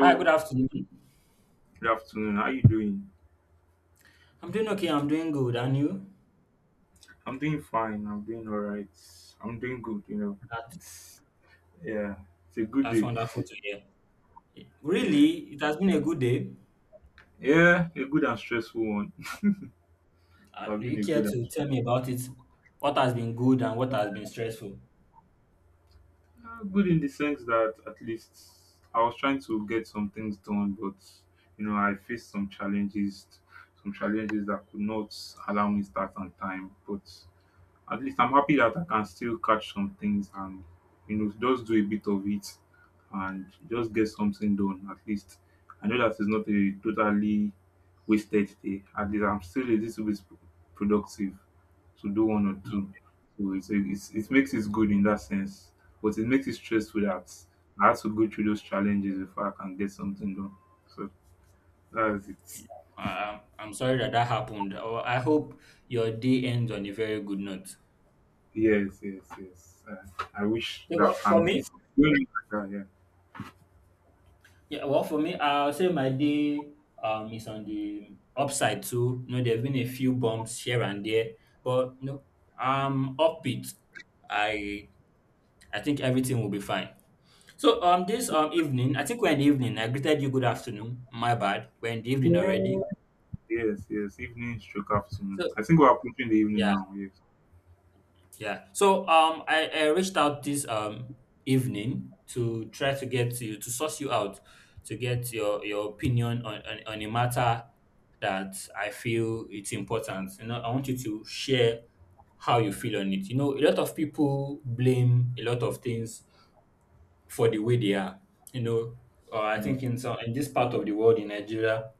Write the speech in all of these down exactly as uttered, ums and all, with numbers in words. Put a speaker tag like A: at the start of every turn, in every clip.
A: Hi, good afternoon.
B: good afternoon. How you doing?
A: I'm doing okay. I'm doing good. And you?
B: I'm doing fine. I'm doing all right. I'm doing good. You know,
A: That,
B: it's yeah, it's a good
A: that's
B: day.
A: wonderful to hear.
B: Yeah,
A: Really, it has been a good day.
B: yeah, a good and stressful one.
A: Uh,
B: I've
A: do you
B: been a
A: care
B: good and
A: to
B: stressful.
A: tell me about it? What has been good and what has been stressful?
B: Uh, good in the sense that at least I was trying to get some things done, but you know, I faced some challenges, some challenges that could not allow me start on time, but. At least I'm happy that I can still catch some things and you know just do a bit of it and just get something done at least. I know that it's not a totally wasted day. At least I'm still a little bit productive to do one or
A: No,
B: two. So it's, it's, it makes it good in that sense, but it makes it stressful that I have to go through those challenges before I can get something done. So that's it.
A: yeah. Uh, I'm sorry that that happened. Oh, I hope your day ends on a very good note.
B: Yes, yes, yes. Uh, I wish
A: Yeah, well,
B: that,
A: for
B: and
A: me,
B: it's really like that,
A: yeah, well, for me, I'll say my day um is on the upside too. You know, there have been a few bumps here and there, but no, I'm upbeat. I I think everything will be fine. So um this um evening, I think we're in the evening. I greeted you good afternoon. My bad. We're in the evening
B: yeah.
A: already.
B: Yes, yes. Evening stroke afternoon.
A: So
B: I think we're approaching the evening
A: yeah,
B: now. Yes.
A: yeah. So um I, I reached out this um evening to try to get you to source you out to get your your opinion on, on, on a matter that I feel it's important. You know, I want you to share how you feel on it. You know, a lot of people blame a lot of things for the way they are. You know, uh, I
B: Mm.
A: think in some in this part of the world in Nigeria,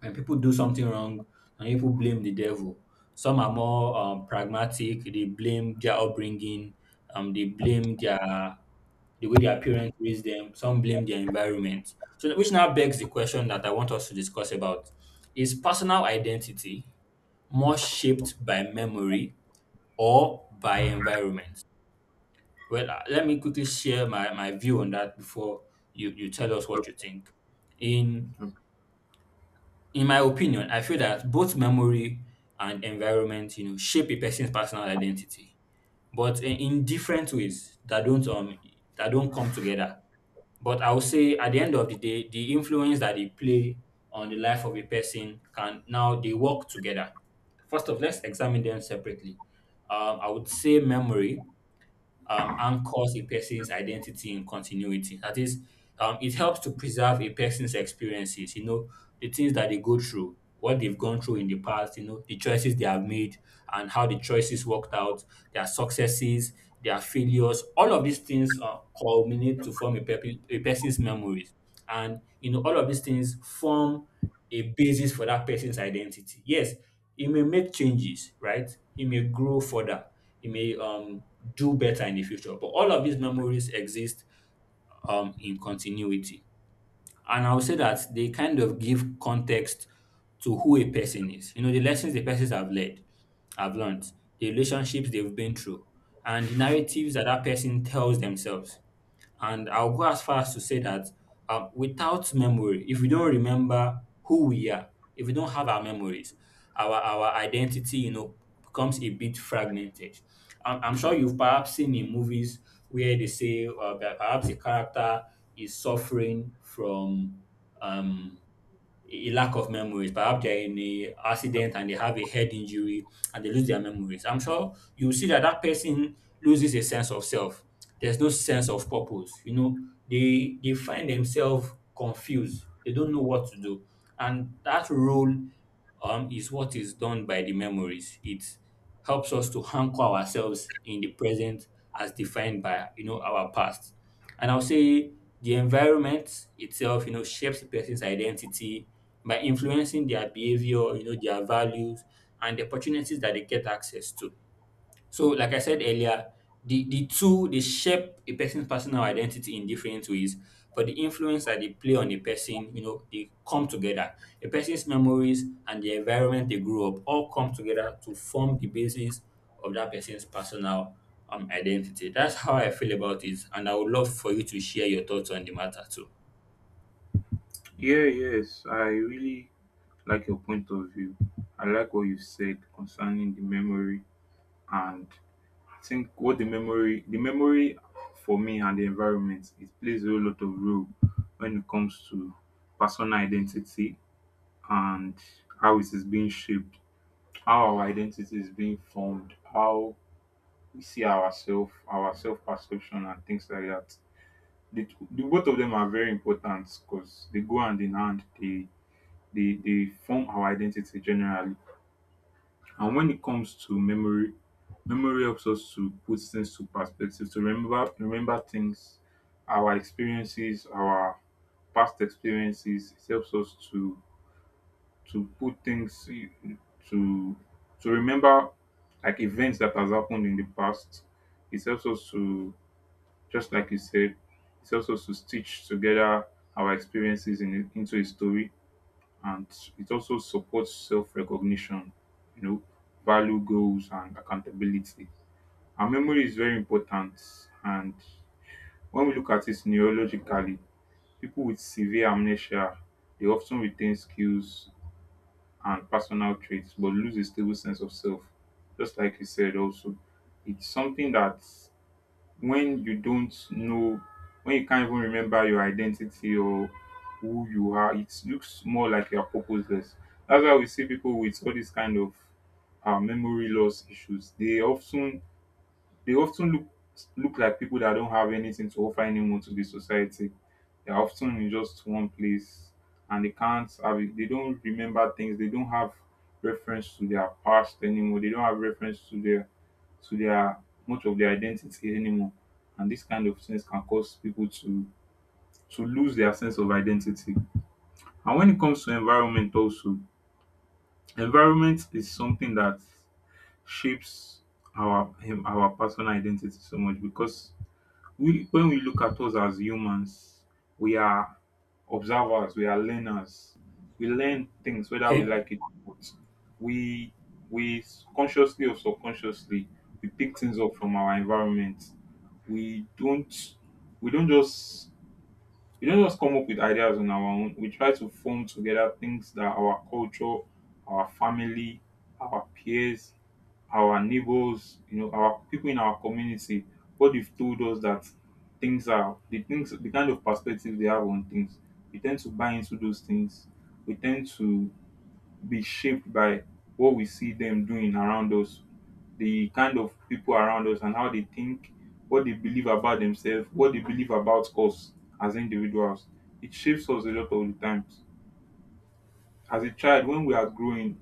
A: when people do something wrong and people blame the devil, some are more um, pragmatic. They blame their upbringing. Um, they blame their the way their parents raised them. Some blame their environment. So which now begs the question that I want us to discuss about: Is personal identity more shaped by memory or by environment? Well, uh, let me quickly share my, my view on that before you, you tell us what you
B: Okay,
A: think. In
B: okay.
A: in my opinion, I feel that both memory and environment, you know, shape a person's personal identity, but in, in different ways that don't um that don't come together. But I would say at the end of the day, the influence that they play on the life of a person can now they work together. First of, let's examine them separately. Um, I would say memory um, anchors a person's identity in continuity. That is, um, it helps to preserve a person's experiences, you know, the things that they go through, what they've gone through in the past, you know, the choices they have made and how the choices worked out, their successes, their failures, all of these things uh, culminate to form a, pe- a person's memories. And, you know, all of these things form a basis for that person's identity. Yes, he may make changes, right? He may grow further. He may um, do better in the future. But all of these memories exist um, in continuity. And I would say that they kind of give context to who a person is. You know, the lessons the persons have led, have learned, the relationships they've been through, and the narratives that that person tells themselves. And I'll go as far as to say that um, without memory, if we don't remember who we are, if we don't have our memories, our our identity, you know, becomes a bit fragmented. I'm, I'm sure you've perhaps seen in movies where they say uh, that perhaps a character is suffering from um, a lack of memories. Perhaps they're in a accident and they have a head injury and they lose their memories. I'm sure you will see that that person loses a sense of self. There's no sense of purpose. You know, they they find themselves confused. They don't know what to do, and that role um, is what is done by the memories. It helps us to anchor ourselves in the present as defined by you know our past. And I'll say the environment itself, you know, shapes the person's identity by influencing their behavior, you know, their values and the opportunities that they get access to. So, like I said earlier, the, the two they shape a person's personal identity in different ways, but the influence that they play on a person, you know, they come together. A person's memories and the environment they grew up all come together to form the basis of that person's personal um, identity. That's how I feel about it, and I would love for you to share your thoughts on the matter too.
B: Yeah, yes. I really like your point of view. I like what you said concerning the memory, and I think what the memory, the memory for me and the environment, it plays a whole lot of role when it comes to personal identity and how it is being shaped, how our identity is being formed, how we see ourselves, our self perception, and things like that. the the both of them are very important because they go hand in hand. They they they form our identity generally. And when it comes to memory, memory helps us to put things to perspective, to remember remember things, our experiences, our past experiences. It helps us to to put things in- to to remember like events that has happened in the past. It helps us to just like you said, it helps us to stitch together our experiences in, into a story, and it also supports self recognition, you know, value goals, and accountability. Our memory is very important, and when we look at it neurologically, people with severe amnesia they often retain skills and personal traits but lose a stable sense of self. Just like you said, also, it's something that when you don't know when you can't even remember your identity or who you are, it looks more like you're purposeless. That's why we see people with all these kind of uh, memory loss issues. They often they often look look like people that don't have anything to offer anymore to the society. They're often in just one place and they can't have it. They don't remember things. They don't have reference to their past anymore. They don't have reference to their to their much of their identity anymore. And these kind of things can cause people to to lose their sense of identity. And when it comes to environment also, environment is something that shapes our um, our personal identity so much because we when we look at us as humans, we are observers, we are learners. We learn things whether we
A: Okay,
B: like it or not. We we consciously or subconsciously we pick things up from our environment. We don't we don't just we don't just come up with ideas on our own. We try to form together things that our culture, our family, our peers, our neighbors, you know, our people in our community, what they've told us, that things are the things the kind of perspective they have on things, we tend to buy into those things. We tend to be shaped by what we see them doing around us, the kind of people around us and how they think, what they believe about themselves, what they believe about us as individuals. It shapes us a lot of the times. As a child, when we are growing,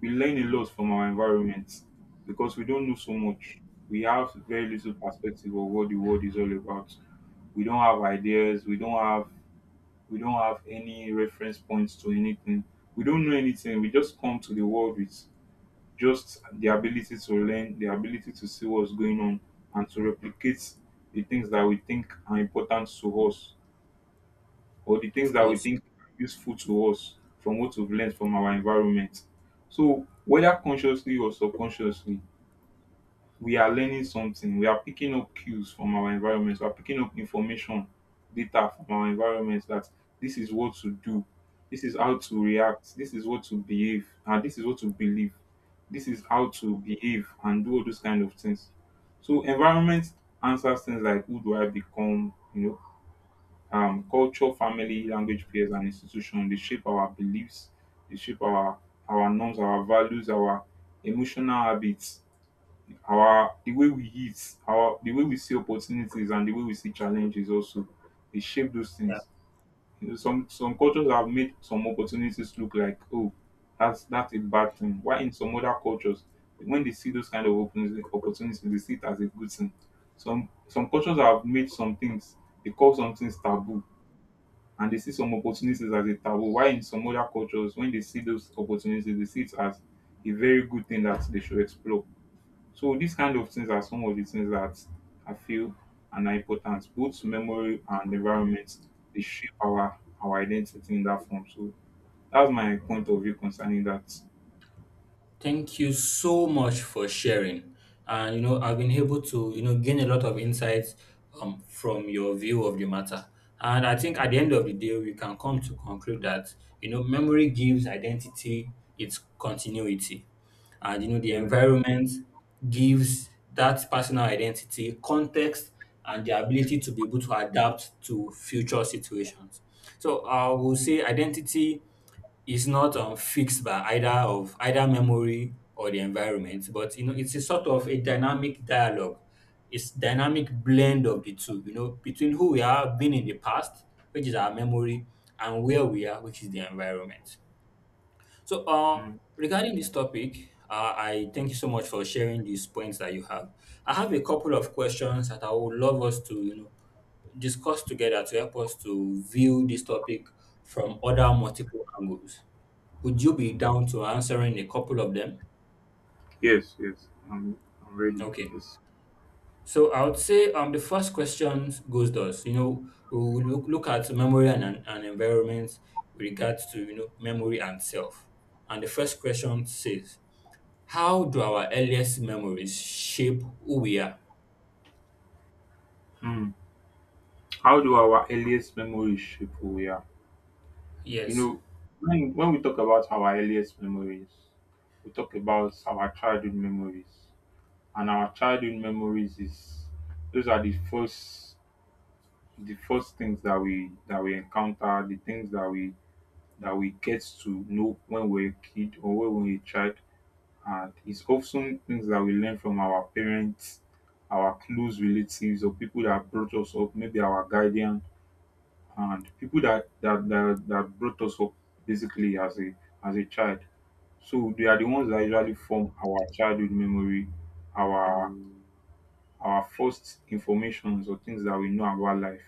B: we learn a lot from our environment because we don't know so much. We have very little perspective of what the world is all about. We don't have ideas, we don't have we don't have any reference points to anything. We don't know anything. We just come to the world with just the ability to learn, the ability to see what's going on, and to replicate the things that we think are important to us or the things
A: of
B: that we
A: course.
B: think are useful to us from what we've learned from our environment. So, whether consciously or subconsciously, we are learning something. We are picking up cues from our environment. We are picking up information, data from our environment that this is what to do, this is how to react, this is what to behave, and this is what to believe. This is how to behave and do all those kind of things. So environment answers things like who do I become, you know, um, culture, family, language, peers, and institution. They shape our beliefs, they shape our our norms, our values, our emotional habits, our the way we eat, our the way we see opportunities and the way we see challenges also, they shape those things. You know, some some cultures have made some opportunities look like oh that's that's a bad thing. Why in some other cultures when they see those kind of opportunities, opportunities they see it as a good thing. Some some cultures have made some things, they call some things taboo and they see some opportunities as a taboo. Why in some other cultures when they see those opportunities they see it as a very good thing that they should explore. So these kind of things are some of the things that I feel and are important. Both memory and environment, they shape our our identity in that form. So that's my point of view concerning that.
A: Thank you so much for sharing. And you know, I've been able to you know gain a lot of insights um, from your view of the matter. And I think at the end of the day, we can come to conclude that you know memory gives identity its continuity, and you know the
B: Yeah.
A: environment gives that personal identity context and the ability to be able to adapt to future situations. So I will say identity is not um, fixed by either of either memory or the environment, but you know it's a sort of a dynamic dialogue. It's dynamic blend of the two, you know, between who we have been in the past, which is our memory, and where we are, which is the environment. So, uh,
B: Mm.
A: regarding this topic, uh, I thank you so much for sharing these points that you have. I have a couple of questions that I would love us to, you know, discuss together to help us to view this topic from other multiple angles. Would you be down to answering a couple of them?
B: Yes, yes. I'm I'm ready.
A: Okay.
B: Yes.
A: So I would say um the first question goes thus, you know, we will look, look at memory and, and, and environment with regards to, you know, memory and self. And the first question says, how do our earliest memories shape who we are?
B: Mm. How do our earliest memories shape who we are? You
A: Yes.
B: know, when when we talk about our earliest memories, we talk about our childhood memories. And our childhood memories is those are the first the first things that we that we encounter, the things that we that we get to know when we're a kid or when we're a child, and it's often things that we learn from our parents, our close relatives, or people that brought us up, maybe our guardian and people that that that, that brought us up basically as a as a child. So they are the ones that usually form our childhood memory, our our first informations or things that we know about life,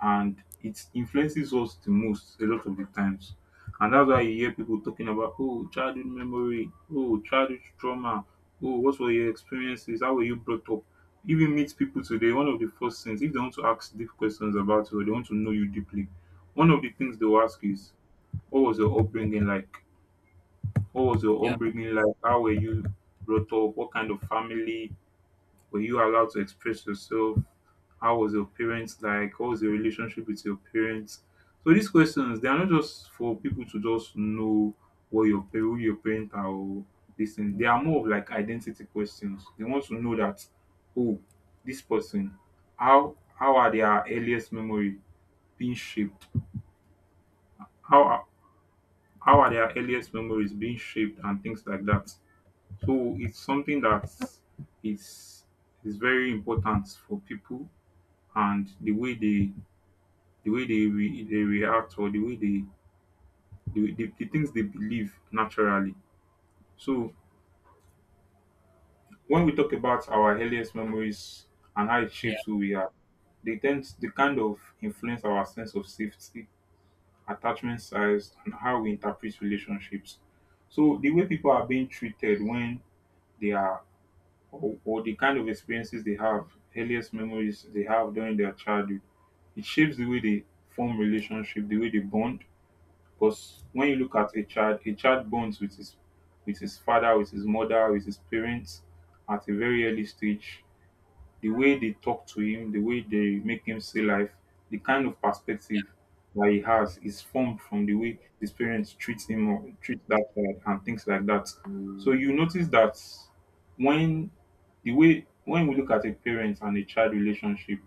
B: and it influences us the most a lot of the times. And that's why you hear people talking about oh childhood memory, oh childhood trauma, oh what were your experiences, how were you brought up? If you meet people today, one of the first things if they want to ask deep questions about you or they want to know you deeply, one of the things they will ask is what was your upbringing like? What was your
A: Yeah.
B: upbringing like? How were you brought up? What kind of family? Were you allowed to express yourself? How was your parents like? What was your relationship with your parents? So these questions they are not just for people to just know what your pa- who your parents are or this thing. They are more of like identity questions. They want to know that oh, this person, how how are their earliest memory being shaped? How are how are their earliest memories being shaped and things like that. So it's something that is is very important for people and the way they the way they re, they react, or the way they the, the, the things they believe naturally. So when we talk about our earliest memories and how it
A: Yeah.
B: shapes who we are, they tend to they kind of influence our sense of safety, attachment size, and how we interpret relationships. So the way people are being treated when they are or, or the kind of experiences they have, earliest memories they have during their childhood, it shapes the way they form relationship, the way they bond, because when you look at a child, a child bonds with his with his father, with his mother, with his parents at a very early stage. The way they talk to him, the way they make him see life, the kind of perspective that he has is formed from the way his parents treat him or treat that child and things like that. So you notice that when the way when we look at a parent and a child relationship,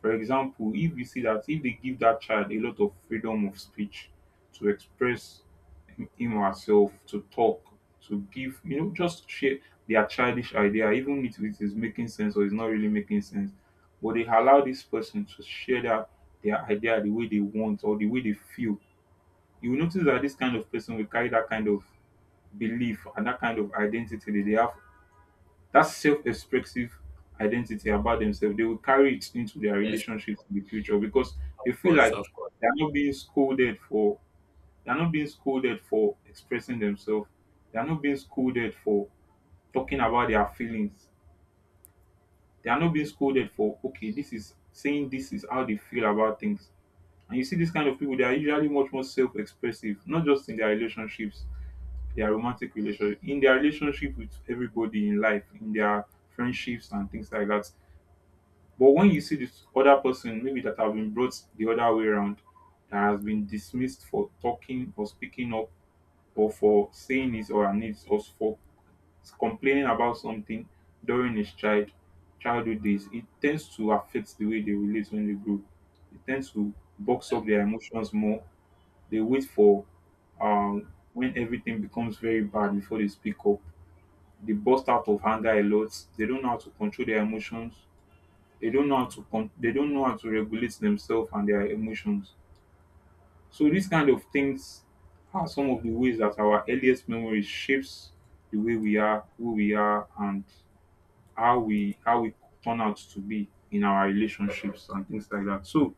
B: for example, if you see that if they give that child a lot of freedom of speech to express him him or herself, to talk, to give, you know, just share their childish idea, even if it is making sense or it's not really making sense. But they allow this person to share their, their idea the way they want or the way they feel. You will notice that this kind of person will carry that kind of belief and that kind of identity that they have, that self-expressive identity about themselves. They will carry it into their
A: Yes.
B: relationships in the future because they
A: Of
B: feel
A: course.
B: like
A: Of course.
B: they're not being scolded for they're not being scolded for expressing themselves. They're not being scolded for talking about their feelings. They are not being scolded for, okay, this is saying this is how they feel about things. And you see this kind of people, they are usually much more self-expressive, not just in their relationships, their romantic relationship, in their relationship with everybody in life, in their friendships and things like that. But when you see this other person, maybe that have been brought the other way around, that has been dismissed for talking or speaking up, or for saying his or her needs, or for complaining about something during his child childhood days, it tends to affect the way they relate when they grow. It tends to box
A: Yeah.
B: up their emotions more. They wait for, um, when everything becomes very bad before they speak up. They burst out of anger a lot. They don't know how to control their emotions. They don't know how to con- they don't know how to regulate themselves and their emotions. So these kind of things are some of the ways that our earliest memory shapes the way we are, who we are, and how we how we turn out to be in our relationships and things like that. So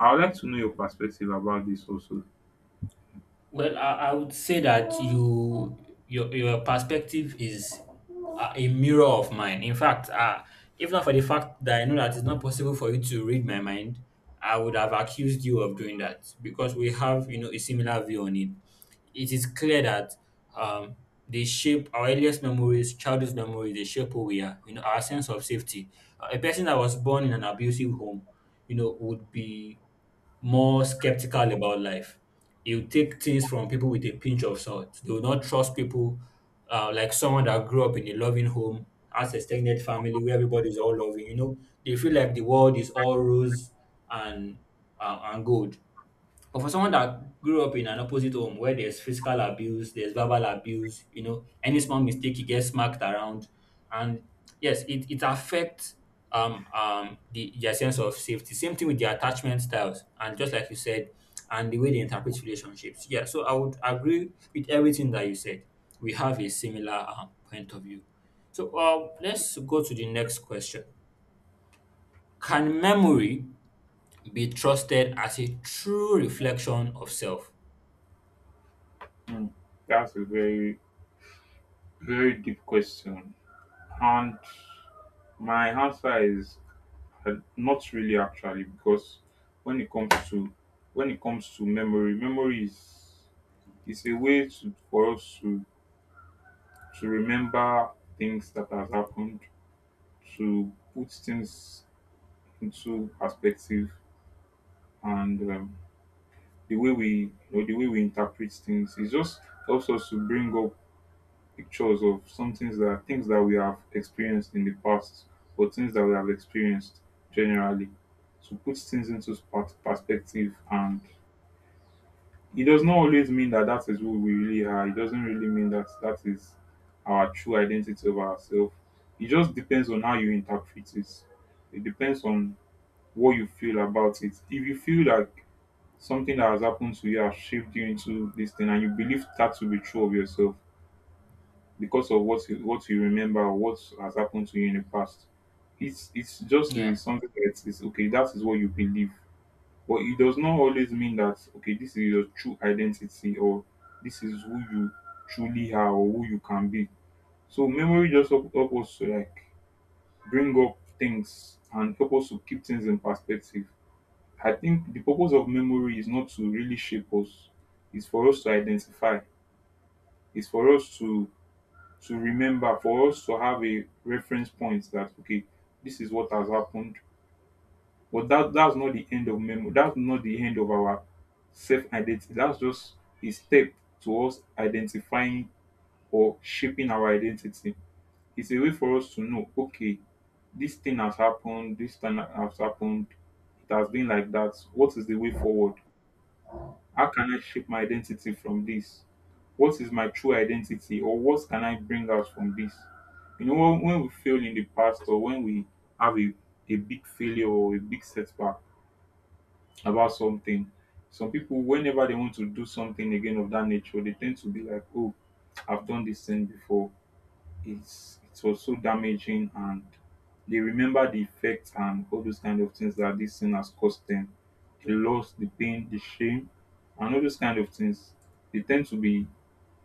B: I would like to know your perspective about this also.
A: Well, I, I would say that you your your perspective is a a mirror of mine. In fact, uh, if not for the fact that I know that it's not possible for you to read my mind, I would have accused you of doing that because we have you know a similar view on it it is clear that um, they shape our earliest memories, childhood memories, they shape who we are, you know, our sense of safety. Uh, a person that was born in an abusive home, you know, would be more skeptical about life. You take things from people with a pinch of salt. They will not trust people uh, like someone that grew up in a loving home, has a extended family where everybody is all loving. You know, they feel like the world is all rose and uh, and gold. But for someone that grew up in an opposite home where there's physical abuse, there's verbal abuse, you know, any small mistake he gets smacked around. And yes, it, it affects um um the their sense of safety. Same thing with their attachment styles and just like you said, and the way they interpret relationships. Yeah, so I would agree with everything that you said. We have a similar um, point of view. So uh, let's go to the next question. Can memory be trusted as a true reflection of self?
B: Hmm, that's a very very deep question, and my answer is, Uh, not really, actually, because when it comes to when it comes to memory, memory is is a way to, for us to to remember things that has happened, to put things into perspective. And um, the way we, you know, the way we interpret things, it just helps us to bring up pictures of some things that things that we have experienced in the past, or things that we have experienced generally, to put things into pers- perspective. And it does not always mean that that is who we really are. It doesn't really mean that that is our true identity of ourselves. It just depends on how you interpret it. It depends on what you feel about it. If you feel like something that has happened to you has shaped you into this thing, and you believe that to be true of yourself because of what you, what you remember or what has happened to you in the past, it's it's just uh,
A: Yeah.
B: something that is okay. That is what you believe, but it does not always mean that, okay, this is your true identity, or this is who you truly are or who you can be. So memory just help, help us to like bring up things and help us to keep things in perspective. I think the purpose of memory is not to really shape us. It's for us to identify. It's for us to to remember, for us to have a reference point that, okay, this is what has happened. But that that's not the end of memory. That's not the end of our self identity. That's just a step towards identifying or shaping our identity. It's a way for us to know, okay, this thing has happened, this thing has happened, it has been like that. What is the way forward? How can I shape my identity from this? What is my true identity, or what can I bring out from this? You know, when, when we fail in the past, or when we have a, a big failure or a big setback about something. Some people, whenever they want to do something again of that nature, they tend to be like, "Oh, I've done this thing before. It's it was so damaging," and they remember the effects and all those kind of things that this thing has caused them, the loss, the pain, the shame, and all those kind of things. They tend to be,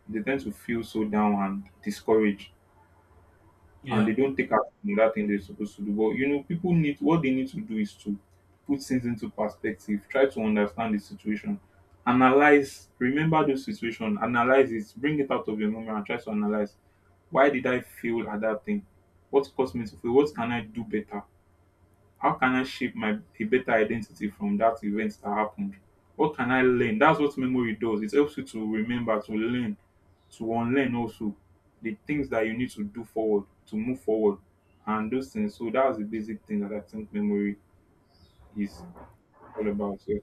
B: they tend to feel so down and discouraged, and
A: Yeah.
B: they don't take action on that thing they're supposed to do. But you know, people need what they need to do is to put things into perspective, try to understand the situation, analyze, remember the situation, analyze it, bring it out of your memory and try to analyze, why did I fail at that thing? What caused me to fail? What can I do better? How can I shape my a better identity from that event that happened? What can I learn? That's what memory does. It helps you to remember, to learn, to unlearn also the things that you need to do forward, to move forward, and those things. So that's the basic thing that I think memory is all about. Yeah.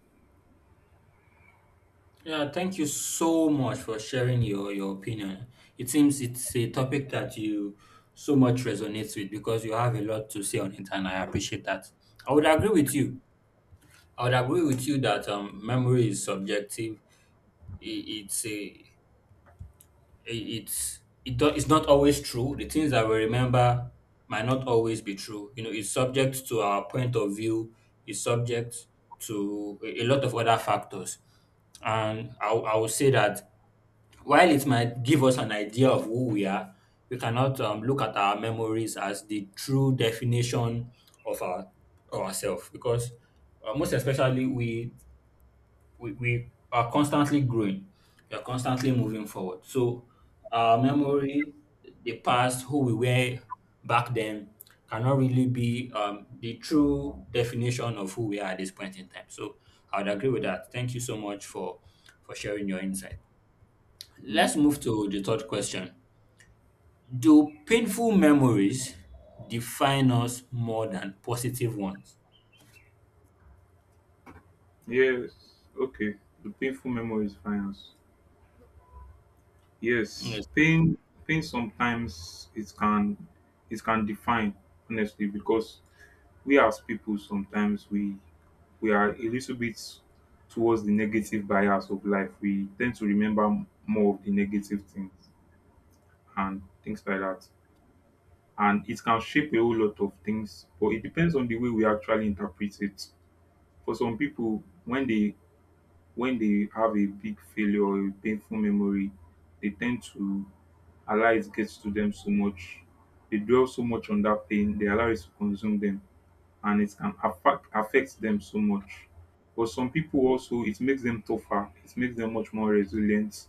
A: Yeah, thank you so much for sharing your your opinion. It seems it's a topic that you so much resonates with because you have a lot to say on it and I appreciate that. I would agree with you. I would agree with you that um memory is subjective. I- it's a i- it's it do, it's not always true. The things that we remember might not always be true. You know, it's subject to our point of view, it's subject to a a lot of other factors. And I, I would say that while it might give us an idea of who we are, we cannot um, look at our memories as the true definition of our of ourselves because uh, most especially we, we we are constantly growing, we are constantly moving forward. So our memory, the past, who we were back then, cannot really be um, the true definition of who we are at this point in time. So I would agree with that. Thank you so much for for sharing your insight.
B: Yeah.
A: Let's move to the third question. Do painful memories define us more than positive ones?
B: Yes. Okay. The painful memory is finance.
A: Hmm,
B: Yes. Pain. Pain, sometimes it can it can define, honestly, because we as people, sometimes we we are a little bit towards the negative bias of life. We tend to remember m- more of the negative things and things like that. And it can shape a whole lot of things, but it depends on the way we actually interpret it. For some people, when they when they have a big failure or a painful memory, they tend to allow it gets to them so much. They dwell so much on that pain, they allow it to consume them, and it can affect affect them so much. But some people, also, it makes them tougher. It makes them much more resilient.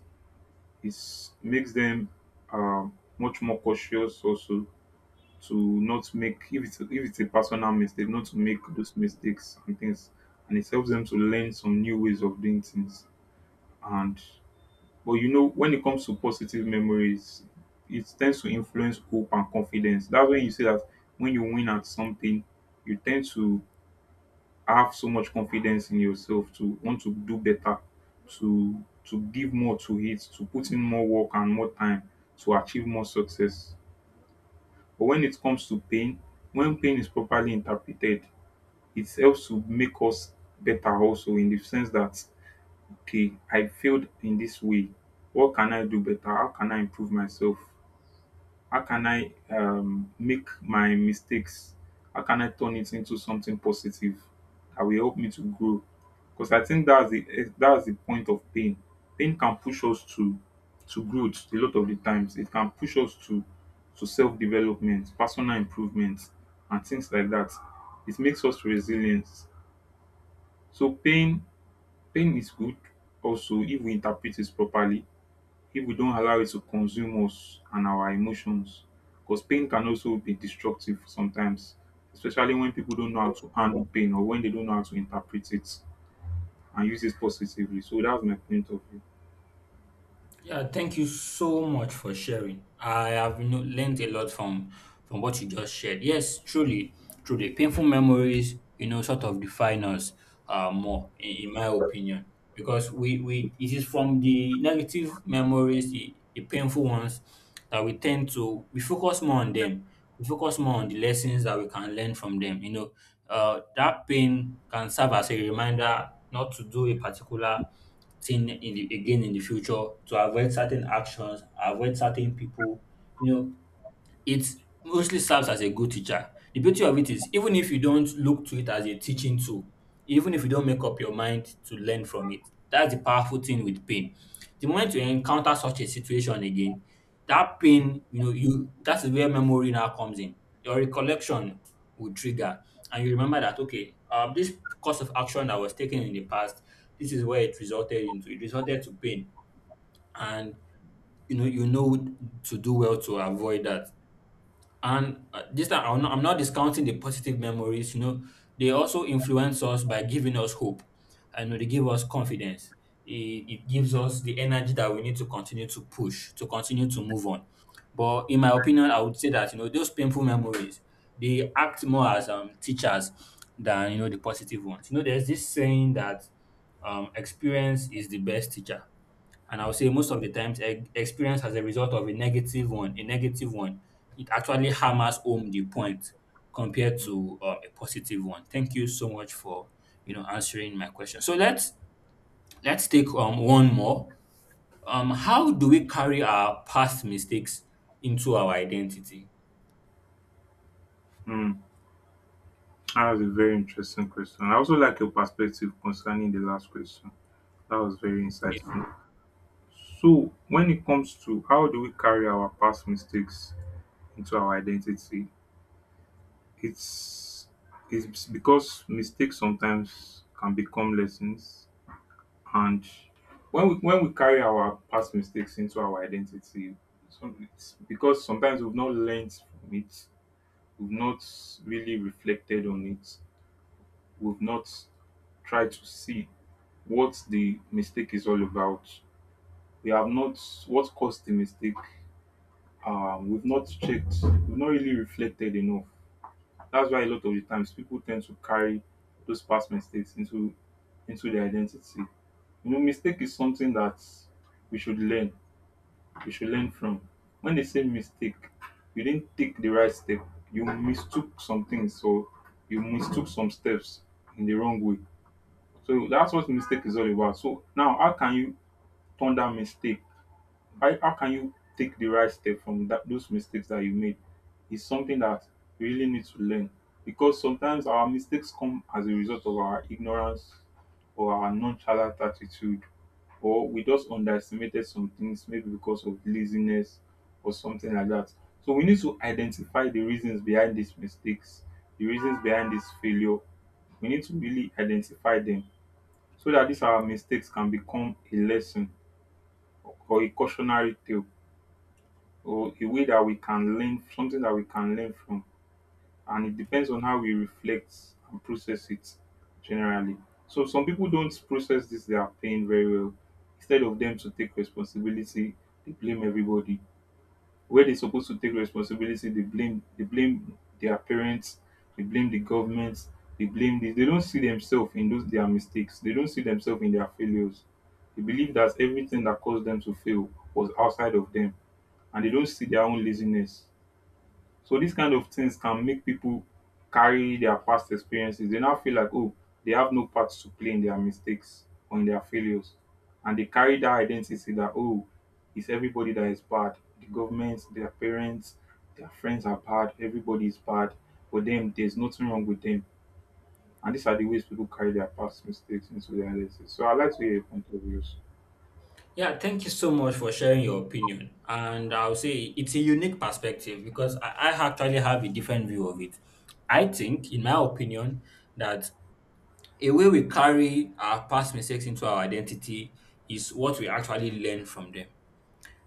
B: It makes them uh, much more cautious also, to not make, if it's if it's a personal mistake, not to make those mistakes and things. And it helps them to learn some new ways of doing things. And but you know, when it comes to positive memories, it tends to influence hope and confidence. That's when you say that when you win at something, you tend to have so much confidence in yourself to want to do better, to to give more to it, to put in more work and more time to achieve more success. But when it comes to pain, when pain is properly interpreted, it helps to make us better also, in the sense that, okay, I failed in this way. What can I do better? How can I improve myself? How can I, um, make my mistakes? How can I turn it into something positive that will help me to grow? Because I think that's the eh, that's the point of pain. Pain can push us to to growth a lot of the times. It can push us to to self development, personal improvement, and things like that. It makes us resilient. So pain pain is good also, if we interpret it properly, if we don't allow it to consume us and our emotions. Because pain can also be destructive sometimes, especially when people don't know how to handle pain, or when they don't know how to interpret it and use it positively. So that's my point of view.
A: Yeah, thank you so much for sharing. I have you know, learned a lot from from what you just shared. Yes, truly, truly, painful memories, you know, sort of define us uh, more, in, in my opinion, because we we it is from the negative memories, the, the painful ones, that we tend to we focus more on them. We focus more on the lessons that we can learn from them. You know, uh, that pain can serve as a reminder not to do a particular thing in the again in the future to avoid certain actions, avoid certain people. You know, it mostly serves as a good teacher. The beauty of it is even if you don't look to it as a teaching tool, even if you don't make up your mind to learn from it, that's the powerful thing with pain. The moment you encounter such a situation again, that pain, you know, you that is where memory now comes in. Your recollection will trigger, and you remember that okay, um, this course of action that was taken in the past, this is where it resulted into. It resulted to pain, and you know you know to do well to avoid that. And uh, this time, I'm not, I'm not discounting the positive memories. You know, they also influence us by giving us hope. I know they give us confidence. It, it gives us the energy that we need to continue to push, to continue to move on. But in my opinion, I would say that you know those painful memories they act more as um, teachers than you know the positive ones. You know, there's this saying that um, experience is the best teacher, and I would say most of the times, e- experience as a result of a negative one, a negative one, it actually hammers home the point compared to um, a positive one. Thank you so much for you know answering my question. So let's let's take um one more. Um, how do we carry our past mistakes into our identity?
B: Hmm, that was a very interesting question. I also like your perspective concerning the last question. That was very insightful. So, when it comes to how do we carry our past mistakes into our identity, it's it's because mistakes sometimes can become lessons. And when we when we carry our past mistakes into our identity, some, it's because sometimes we've not learned from it, we've not really reflected on it, we've not tried to see what the mistake is all about. We have not, what caused the mistake. Um, we've not checked. We've not really reflected enough. That's why a lot of the times people tend to carry those past mistakes into into their identity. You know, mistake is something that we should learn. We should learn from. When they say mistake, you didn't take the right step. You mistook some things, so you mistook some steps in the wrong way. So that's what mistake is all about. So now, how can you turn that mistake, how, how can you take the right step from that those mistakes that you made is something that we really need to learn. Because sometimes our mistakes come as a result of our ignorance or our nonchalant attitude, or we just underestimated some things, maybe because of laziness or something like that. So we need to identify the reasons behind these mistakes, the reasons behind this failure. We need to really identify them, so that these our mistakes can become a lesson, or a cautionary tale, or a way that we can learn, something that we can learn from. And it depends on how we reflect and process it generally. So some people don't process this their pain very well. Instead of them to take responsibility, they blame everybody. Where they're supposed to take responsibility, they blame they blame their parents, they blame the govment, they blame this. They don't see themselves in those their mistakes. They don't see themselves in their failures. They believe that everything that caused them to fail was outside of them, and they don't see their own laziness. So these kind of things can make people carry their past experiences. They now feel like, oh, they have no part to play in their mistakes or in their failures, and they carry dat identity that, oh, it's everybody that is bad. The government, their parents, their friends are bad, everybody is bad for them. There's nothing wrong with them. And these are the ways people carry their past mistakes into their identity. So I'd like to hear your point of views.
A: Yeah, thank you so much for sharing your opinion. And I'll say it's a unique perspective because I, I actually have a different view of it. I think, in my opinion, that a way we carry our past mistakes into our identity is what we actually learn from them.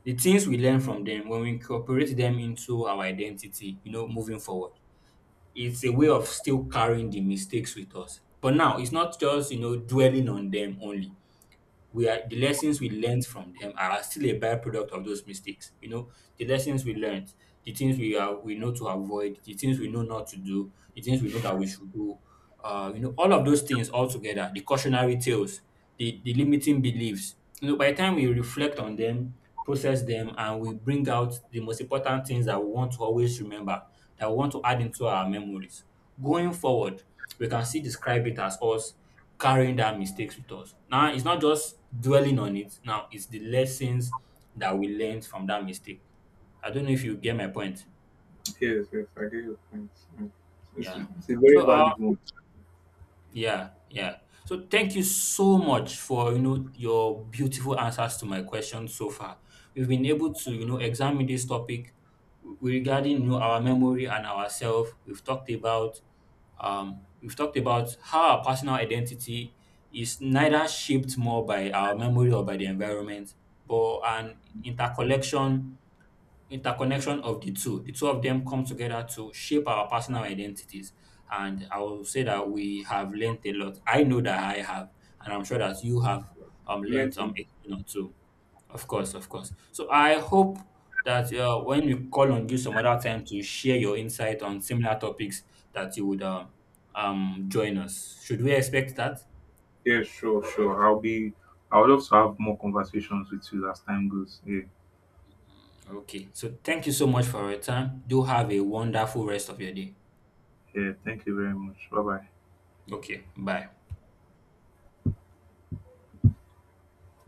A: The things we learn from them, when we incorporate them into our identity, you know, moving forward, it's a way of still carrying the mistakes with us. But now, it's not just, you know, dwelling on them only. We are The lessons we learned from them are still a byproduct of those mistakes. You know, the lessons we learned, the things we are we know to avoid, the things we know not to do, the things we know that we should do, uh, you know, all of those things all together, the cautionary tales, the, the limiting beliefs, you know, by the time we reflect on them, process them, and we bring out the most important things that we want to always remember, that we want to add into our memories. Going forward, we can see describe it as us carrying that mistakes with us. Now, it's not just dwelling on it. Now, it's the lessons that we learned from that mistake. I don't know if you get my point.
B: Yes, yes, I get your point. Mm. It's
A: Yeah.
B: it's a very
A: So, uh,
B: valid one.
A: Yeah, yeah. So thank you so much for you know your beautiful answers to my questions so far. We've been able to you know examine this topic regarding, you know, our memory and ourselves. We've talked about um, we've talked about how our personal identity is neither shaped more by our memory or by the environment, but an intercollection interconnection of the two. The two of them come together to shape our personal identities. And I will say that we have learned a lot. I know that I have, and I'm sure that you have um
B: Learn
A: learned um
B: to.
A: a thing or two. Of course, of course. So I hope that uh, when we call on you some other time to share your insight on similar topics, that you would um, um join us. Should we expect that?
B: Yeah, sure, sure. I'll be. I would love to have more conversations with you as time goes. Yeah,
A: Okay. So thank you so much for your time. Do have a wonderful rest of your day.
B: yeah. Thank you very much. Bye bye.
A: Okay. Bye.